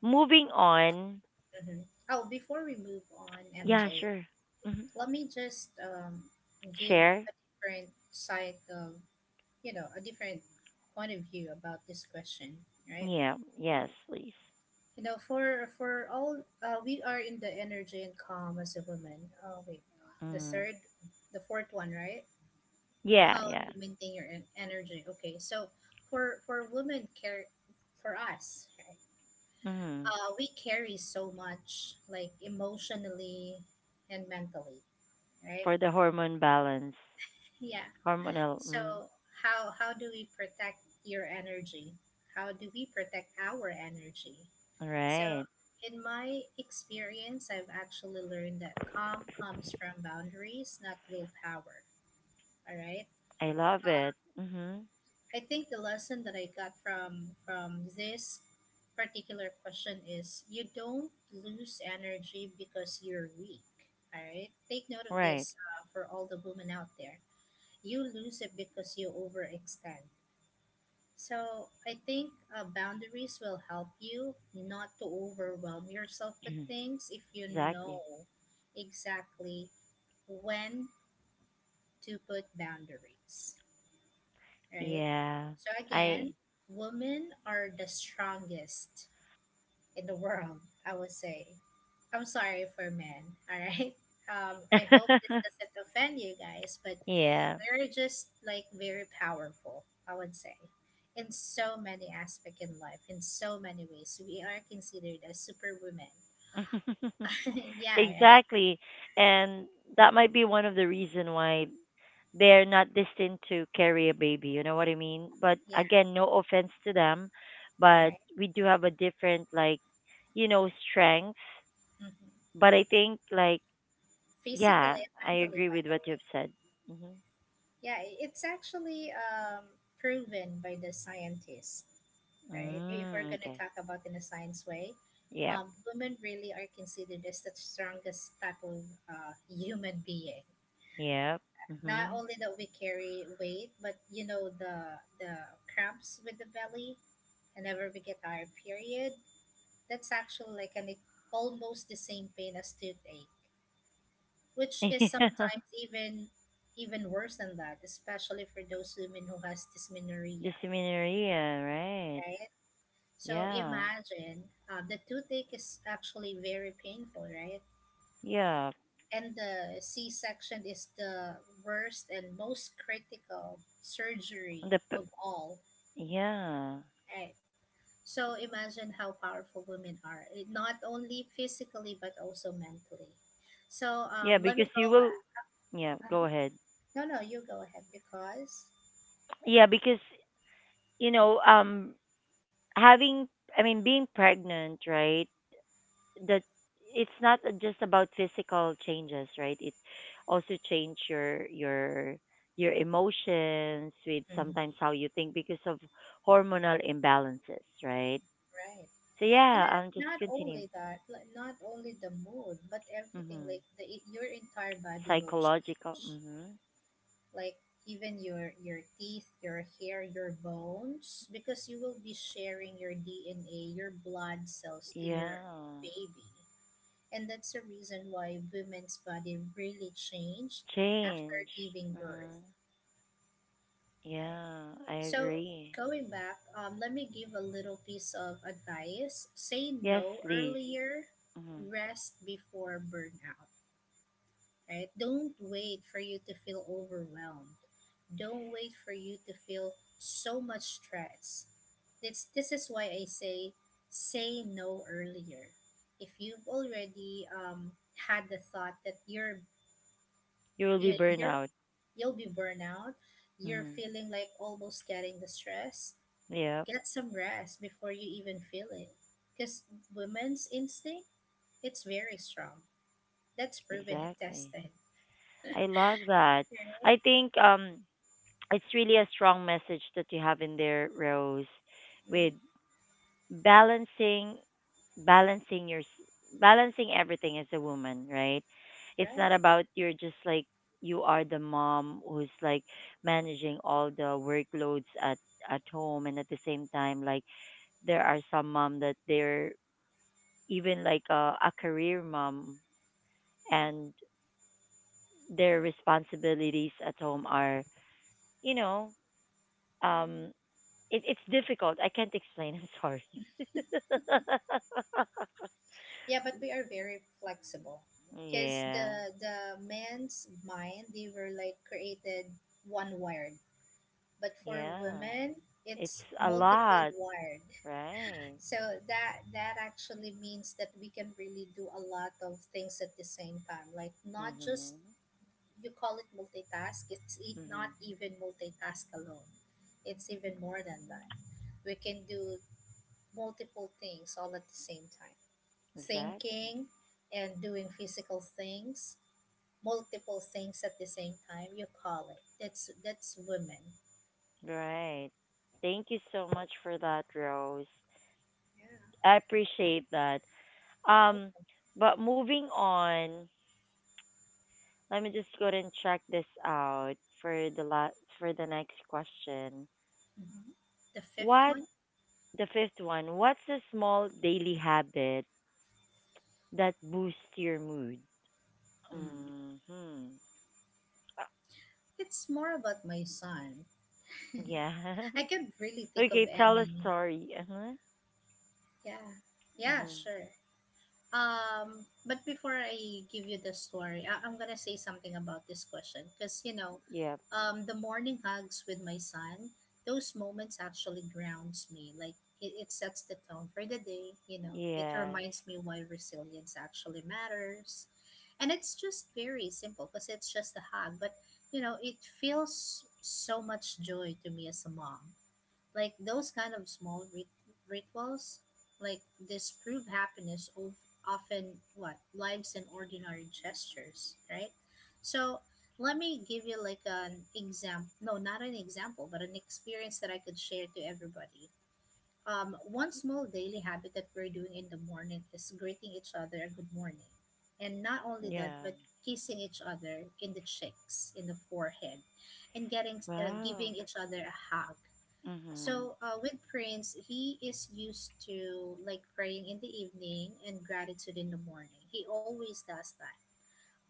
moving on. Mhm. Oh, before we move on, Yeah, MJ, sure. Hmm. let me just give Share. a different side of you know a different point of view about this question, right? Yeah. Yes, please. You know, for all we are in the energy and calm as a woman. Oh wait, the Mm. third, the fourth one, right? Yeah. How Yeah. you maintain your energy, okay, so for women care for us, Hmm. We carry so much like emotionally and mentally, right? For the hormone balance, Yeah, hormonal. so Mm. How do we protect your energy, how do we protect our energy? So Right. in my experience I've actually learned that calm comes from boundaries, not willpower, all right? I love it. Hmm. I think the lesson that I got from this particular question is you don't lose energy because you're weak. All right, take note of Right. this for all the women out there. You lose it because you overextend. So I think boundaries will help you not to overwhelm yourself with things if you Exactly. know exactly when to put boundaries, right? Yeah. So I. again, women are the strongest in the world, I would say. I'm sorry for men, all right? I hope this doesn't offend you guys, but Yeah. we are just like very powerful, I would say, in so many aspects in life, in so many ways. We are considered as superwomen. Yeah, right? Exactly. And that might be one of the reason why they're not destined to carry a baby, you know what I mean? But Yeah, again, no offense to them, but right. we do have a different like, you know, strength. Hmm. But I think like yeah, Physically and I mentally, agree by with the what way. you've said. Mhm. Yeah, it's actually proven by the scientists, right? If we're Mm, going to okay. talk about in a science way, Yeah. Women really are considered as the strongest type of human being. Yeah. Not Mhm. only that we carry weight, but the cramps with the belly, whenever we get our period, that's actually like an almost the same pain as toothache which is Yeah. sometimes even worse than that, especially for those women who has dysmenorrhea, Dysmenorrhea, right? right? So Yeah. imagine the toothache is actually very painful, right? Yeah. And the C-section is the worst and most critical surgery The p- of all, yeah. right? So imagine how powerful women are, eh, not only physically but also mentally. So Yeah, let me because go you will. back. Yeah, go Uh-huh. ahead. No, no, you go ahead because. Yeah, because you know, having, I mean, being pregnant, right? That it's not just about physical changes, right? It also change your emotions with Mhm. sometimes how you think because of hormonal imbalances, right? Right. So And yeah, that, I'll just not continue. only that, like, not only the mood, but everything Mm-hmm. like the your entire body will Psychological. change. Mm-hmm. Like even your teeth, your hair, your bones because you will be sharing your DNA, your blood cells to your Yeah. baby. And that's the reason why women's body really change after Change. giving birth, Mm-hmm. right? Yeah, I So agree. going back, let me give a little piece of advice. Say Yes, no please. earlier, Hmm. rest before burnout. Right? Don't wait for you to feel overwhelmed. Don't wait for you to feel so much stress. This is why I say say no earlier. If you've already had the thought that You will be you're you're- burnout. you'll be burnout, you're Mm-hmm. feeling like almost getting the stress. Yep, Get some rest before you even feel it. Because women's instinct, it's very strong. That's proven and exactly. tested. I love that. Right? I think it's really a strong message that you have in there, Rose, with Mhm. balancing balancing your s- balancing everything as a woman, right? It's not Right. about you're just like you are the mom who's like managing all the workloads at home, and at the same time, like, there are some mom that they're even like a career mom, and their responsibilities at home are you know um it's difficult. I can't explain, I'm sorry. Yeah, but we are very flexible. Because Yeah. the men's mind, they were like created one wired. But for Yeah, women, it's it's a multiple lot, wired. right? So that actually means that we can really do a lot of things at the same time. Like not just Mhm. you call it multitask, not Mhm. even multitask alone, it's even more than that. We can do multiple things all at the same time, Exactly. thinking and doing physical things, multiple things at the same time, you call it, that's women. Right. Thank you so much for that, Rose. Yeah. I appreciate that. Um, Okay. but moving on, let me just go ahead and check this out for for the next question. Hmm, the fifth What, one. the fifth one? What's a small daily habit that boosts your mood? Hmm, Mm-hmm. it's more about my son. Yeah. I can't really think Okay, of tell a any. story. Uh-huh. Yeah, yeah, Mm-hmm. sure. But before I give you the story, I'm gonna say something about this question because you know, Yep. The morning hugs with my son, those moments actually grounds me. Like it sets the tone for the day. You know, it Yes. reminds me why resilience actually matters, and it's just very simple because it's just a hug. But you know, it feels so much joy to me as a mom, like those kind of rituals, like disprove happiness of often what lives in ordinary gestures, right? So let me give you like an example. No, not an example, but an experience that I could share to everybody. One small daily habit that we're doing in the morning is greeting each other a good morning. And not only that, Yeah. but kissing each other in the cheeks, in the forehead, and getting Wow. giving each other a hug. Mm-hmm. So with Prince, he is used to like praying in the evening and gratitude in the morning. He always does that.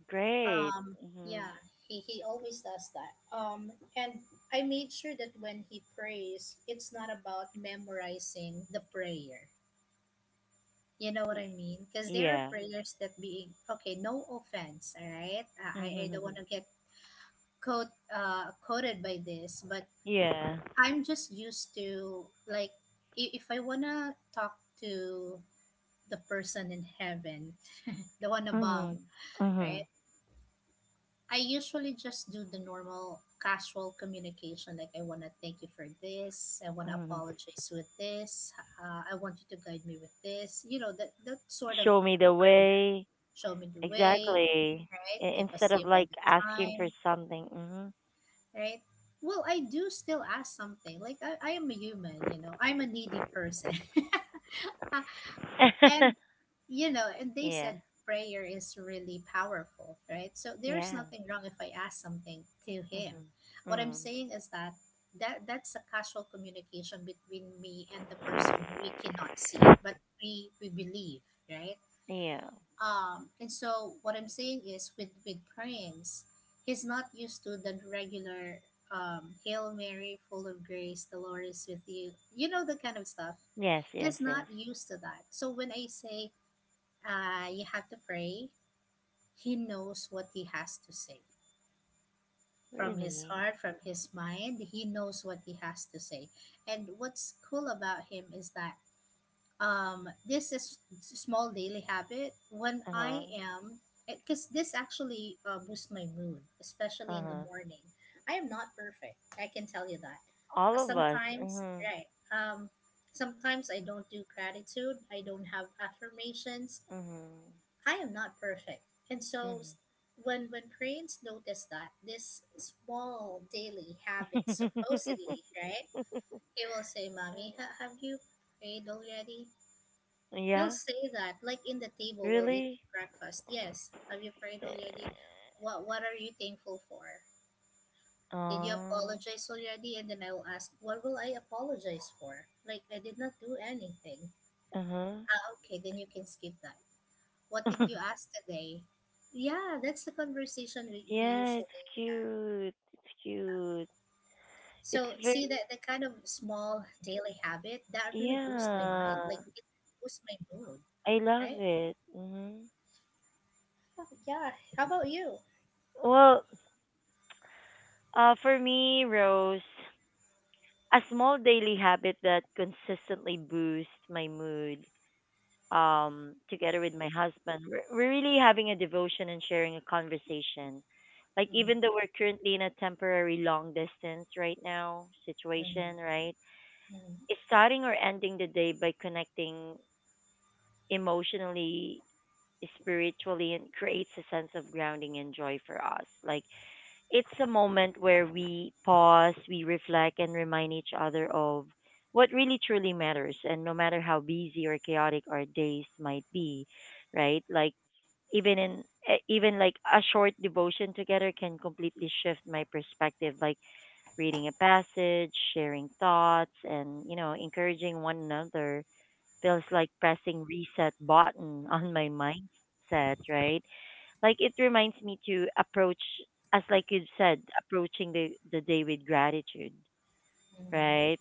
Great. Um, Mm-hmm. yeah, he always does that. And I made sure that when he prays, it's not about memorizing the prayer. You know what Y- I mean? Because there are Yeah. prayers that being okay. No offense, all right. I don't Mm-hmm. want to get quote quoted by this, but Yeah. I'm just used to like if I wanna talk to the person in heaven, the one above, Mhm. right? Mhm. I usually just do the normal casual communication like I want to thank you for this, I want to Mhm. apologize with this, I want you to guide me with this. You know, that that sort of Show me the prayer. way. Show me the way, Exactly. right? I- Keep us Instead of safe all like the asking for time, something. Mhm. right? Well, I do still ask something. Like I am a human, you know. I'm a needy person. And you know, and they Yeah. said prayer is really powerful, right? So there's Yeah. nothing wrong if I ask something to him. Mhm. What I'm Mm. saying is that that's a casual communication between me and the person who we cannot see, but we believe, right? Yeah. And so what I'm saying is with prayings, he's not used to the regular, Hail Mary, full of grace, the Lord is with you, you know, the kind of stuff. Yes, yes, He's not yes. used to that. So when I say you have to pray, he knows what he has to say from his Really. heart, from his mind. He knows what he has to say. And what's cool about him is that this is small daily habit. When Uh-huh. I am, because this actually boosts my mood, especially in the Uh-huh. morning. I am not perfect. I can tell you that. All of us. Sometimes, Mhm. right? Um, sometimes I don't do gratitude. I don't have affirmations. Mhm. I am not perfect. And so s- when parents notice that this small daily habit Mhm. supposedly, right? He will say, "Mommy, have you prayed already?" He'll Yeah. say that like in the table while eating Really? breakfast. "Yes, have you prayed Eh. already? What are you thankful for? Did you Oh. apologize already?" And then I will ask, "What will I apologize for? Like I did not do anything." Uh-huh. Ah, okay, then you can skip that. What did you ask today? Yeah, that's the conversation we Yeah, it's usually have. cute. It's So, cute. see that the kind of It's very, small daily habit that really boosts my mind. Like, it yeah. boosts my mood, right? I love it. Hmm. Yeah. How about you? Well, for me, Rose, a small daily habit that consistently boosts my mood. Together with my husband, we're really having a devotion and sharing a conversation. Like, even Mm-hmm. though we're currently in a temporary long distance right now situation, Mm-hmm. right? Mm-hmm. It's starting or ending the day by connecting emotionally, spiritually, and creates a sense of grounding and joy for us. Like, it's a moment where we pause, we reflect, and remind each other of what really truly matters. And no matter how busy or chaotic our days might be, right? Like, even in even like a short devotion together can completely shift my perspective, like reading a passage, sharing thoughts, and, you know, encouraging one another feels like pressing reset button on my mindset, right? Like, it reminds me to approach, as like you said, approaching the day with gratitude, right?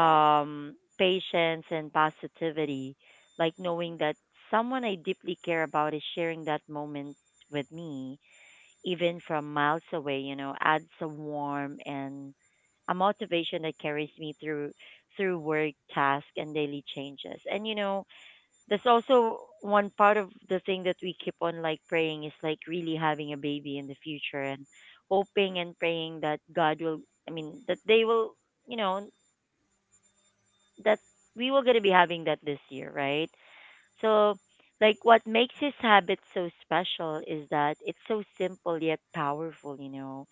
Right. Patience and positivity. Like knowing that someone I deeply care about is sharing that moment with me, even from miles away, you know, adds a warm and a motivation that carries me through work, task, and daily changes. And you know, that's also one part of the thing that we keep on like praying is like really having a baby in the future and hoping and praying that God will, I mean, that they will, you know, that we will going to be having that this year, right? So, like, what makes his habit so special is that it's so simple yet powerful. You know,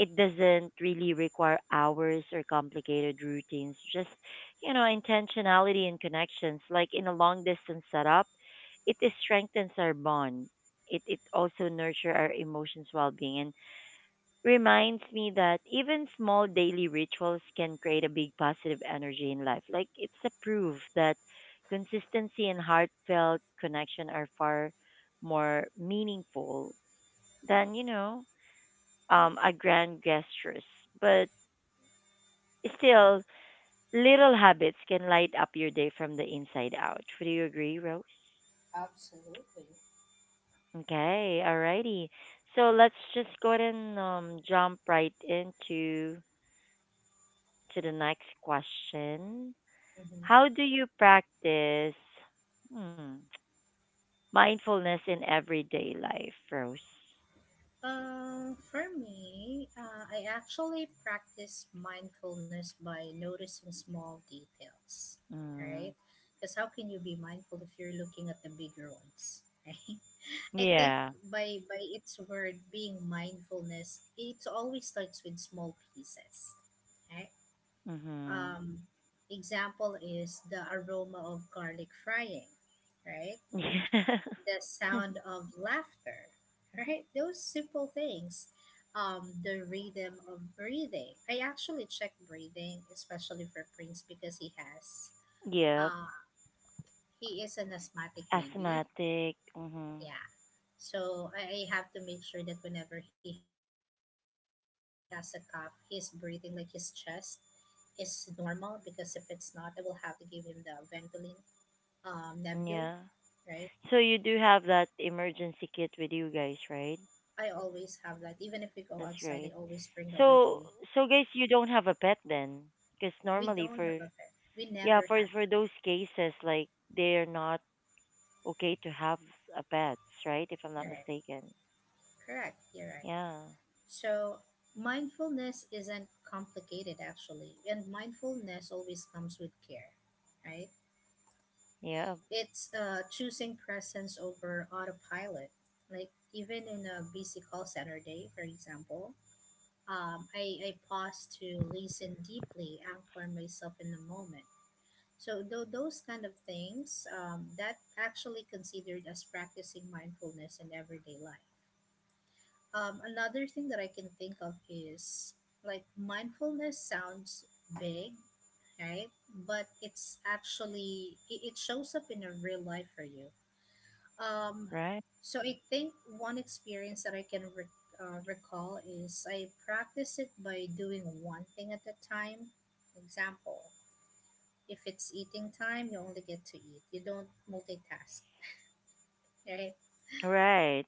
it doesn't really require hours or complicated routines, just, you know, intentionality and connections. Like in a long distance setup, it is strengthens our bond. It also nurture our emotions well-being and reminds me that even small daily rituals can create a big positive energy in life. Like, it's a proof that consistency and heartfelt connection are far more meaningful than, a grand gestures. But still, little habits can light up your day from the inside out. Would you agree, Rose? Absolutely. Okay, alrighty. So let's just go ahead and jump right into to the next question. How Mm-hmm. do you practice, hmm, mindfulness in everyday life, Rose? For me, I actually practice mindfulness by noticing small details, Mm, right? Because how can you be mindful if you're looking at the bigger ones, right? I think yeah. by its word, being mindfulness, it always starts with small pieces, right? Mhm. Um, example is the aroma of garlic frying, right? The Yeah. sound of laughter, right? Those simple things, the rhythm of breathing. I actually check breathing, especially for Prince, because he has, Yep. uh, he is an asthmatic baby. Asthmatic. Mhm. Yeah. So I have to make sure that whenever he has a cough, he's breathing, like his chest is normal, because if it's not, I will have to give him the Ventolin Nebul, Yeah. right? So you do have that emergency kit with you guys, right? I always have that. Even if we go That's outside, I great. always bring that with So, me. so guys, you don't have a pet then, because We normally don't have for, a fair. We yeah, never had for one. those cases, like, they're not okay to have a pets, right? If I'm not You're right. mistaken. Correct. You're right. Yeah. So mindfulness isn't complicated actually, and mindfulness always comes with care, right? Yeah. It's choosing presence over autopilot. Like even in a busy call center day, for example, I pause to listen deeply, anchor myself in the moment. So those kind of things that actually considered as practicing mindfulness in everyday life. Another thing that I can think of is like mindfulness sounds big, right? But it's actually, it shows up in a real life for you. Um, Right. so I think one experience that I can recall is I practice it by doing one thing at a time. Example: if it's eating time, you only get to eat. You don't multitask, right? Right.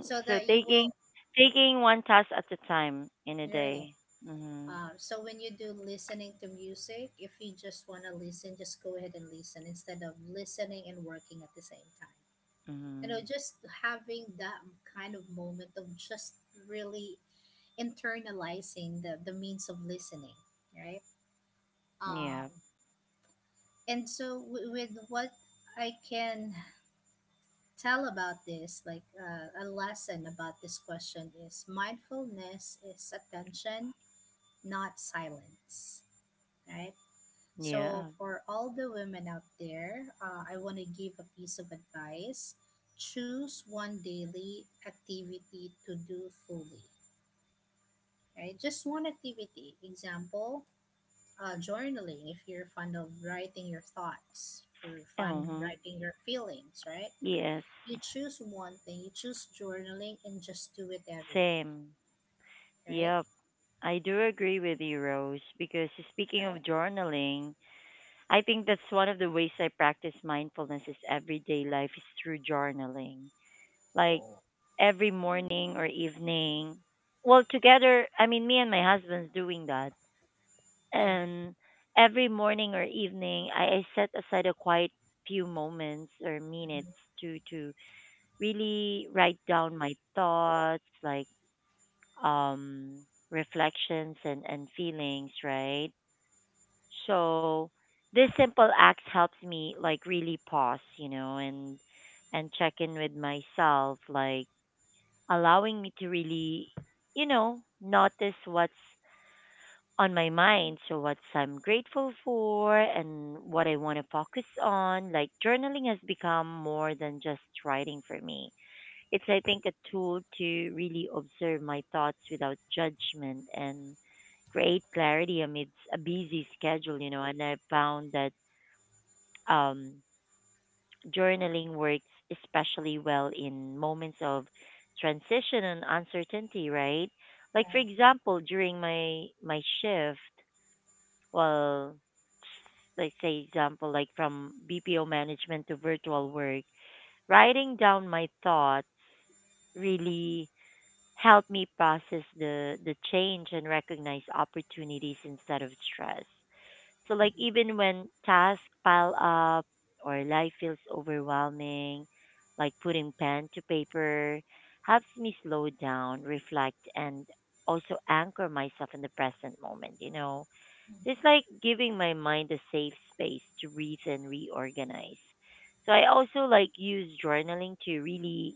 So So that you will, taking, taking one task at a time in a right? day. Mhm. So when you do listening to music, if you just want to listen, just go ahead and listen instead of listening and working at the same time. You know, Mhm. just having that kind of moment of just really internalizing the means of listening, right? Um, Yeah. and so with what I can tell about this, like a lesson about this question is mindfulness is attention, not silence, right? Yeah. So, for all the women out there, I want to give a piece of advice. Choose one daily activity to do fully, right? Just one activity. Example, journaling, if you're fond of writing your thoughts, for fun Uh-huh. writing your feelings, right? Yes. You choose one thing, you choose journaling, and just do it every day, Same. right? Yep, I do agree with you, Rose, because speaking of Right. journaling, I think that's one of the ways I practice mindfulness is everyday life is through journaling. Like every morning or evening. Well, together, I mean, me and my husband's doing that. Yeah. And every morning or evening, I set aside a quiet few moments or Hmm. minutes to really write down my thoughts, like, um, reflections, and feelings, right? So this simple act helps me like really pause, you know, and check in with myself, like allowing me to really, you know, notice what's on my mind. So what I'm grateful for and what I want to focus on. Like, journaling has become more than just writing for me. It's, I think, a tool to really observe my thoughts without judgment and create clarity amidst a busy schedule, you know. And I found that um, journaling works especially well in moments of transition and uncertainty, right? Like for Right. example, during my my shift, well, let's say example like from BPO management to virtual work, writing down my thoughts really helped me process the change and recognize opportunities instead of stress. So like even when tasks pile up or life feels overwhelming, like putting pen to paper helps me slow down, reflect, and also anchor myself in the present moment, you know. It's like giving my mind a safe space to breathe and reorganize. So I also like use journaling to really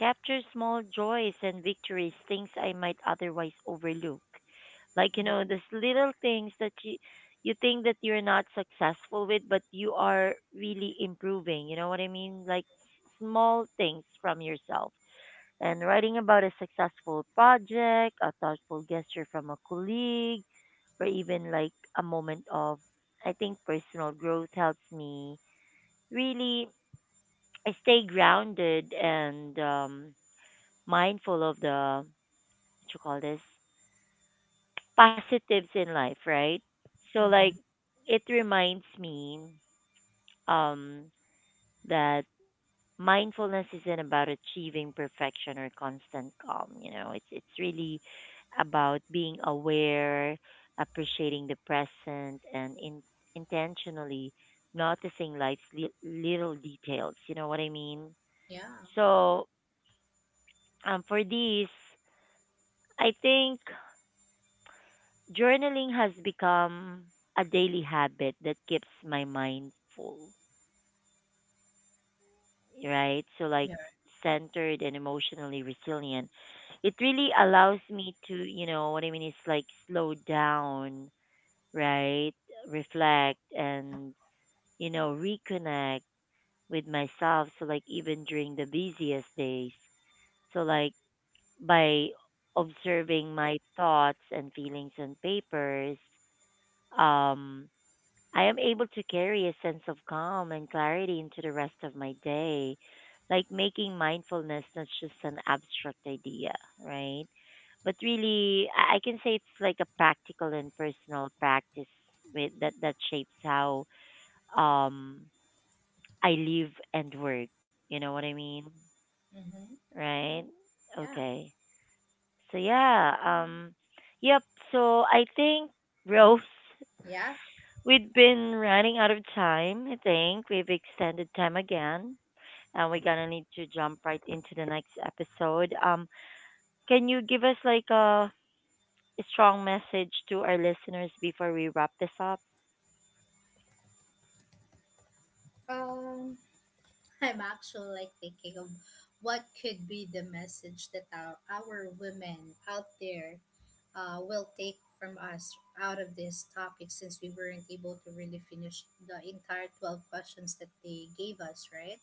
capture small joys and victories, things I might otherwise overlook. Like, you know, these little things that you think that you're not successful with, but you are really improving. You know what I mean? Like small things from yourself. And writing about a successful project, a thoughtful gesture from a colleague, or even like a moment of, I think, personal growth helps me really stay grounded and, mindful of the, what you call this, positives in life, right? So Mm-hmm. Yeah. Mm-hmm. like Mm-hmm. it reminds me um that mindfulness isn't about achieving perfection or constant calm, you know. It's really about being aware, appreciating the present, and in, intentionally noticing life's little details, you know what I mean? Yeah. So, for these, I think, journaling has become a daily habit that keeps my mind full, right? So, like, Yeah. centered and emotionally resilient. It really allows me to, you know, what I mean is like slow down, right? Reflect and, you know, reconnect with myself. So, like, even during the busiest days. So, like, by observing my thoughts and feelings on papers, um, I am able to carry a sense of calm and clarity into the rest of my day, like making mindfulness not just an abstract idea, right? But really, I can say it's like a practical and personal practice with, that that shapes how um I live and work. You know what I mean, Mm-hmm. right? Yeah, Okay. So yeah, yep. So I think, Rose, yeah. we've been running out of time. I think we've extended time again, and we're gonna need to jump right into the next episode. Can you give us like a strong message to our listeners before we wrap this up? Um, I'm actually like thinking of what could be the message that our women out there will take from us out of this topic, since we weren't able to really finish the entire 12 questions that they gave us, right?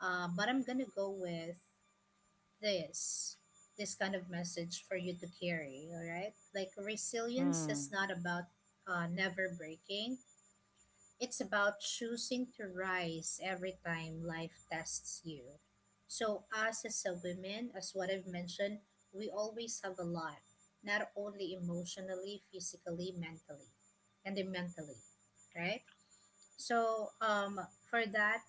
But I'm gonna go with this this kind of message for you to carry, all right? Like resilience is Hmm. not about never breaking. It's about choosing to rise every time life tests you. So, us as a women, as what I've mentioned, we always have a lot, not only emotionally, physically, mentally, and then mentally, right? So, for that,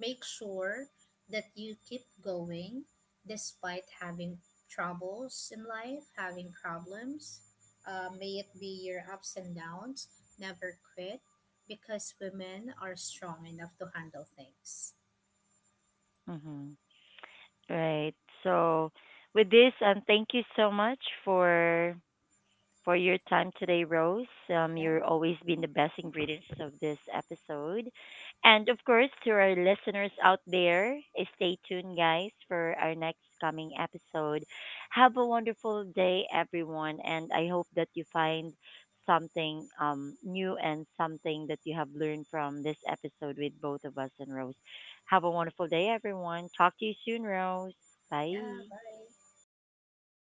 make sure that you keep going despite having troubles in life, having problems. May it be your ups and downs. Never quit because women are strong enough to handle things. Mm-hmm. Right. So, with this, and thank you so much for your time today, Rose. Yeah, You're always been the best ingredients of this episode. And of course, to our listeners out there, eh, stay tuned, guys, for our next coming episode. Have a wonderful day, everyone. And I hope that you find something, new and something that you have learned from this episode with both of us and Rose. Have a wonderful day, everyone. Talk to you soon, Rose. yeah, Bye. bye.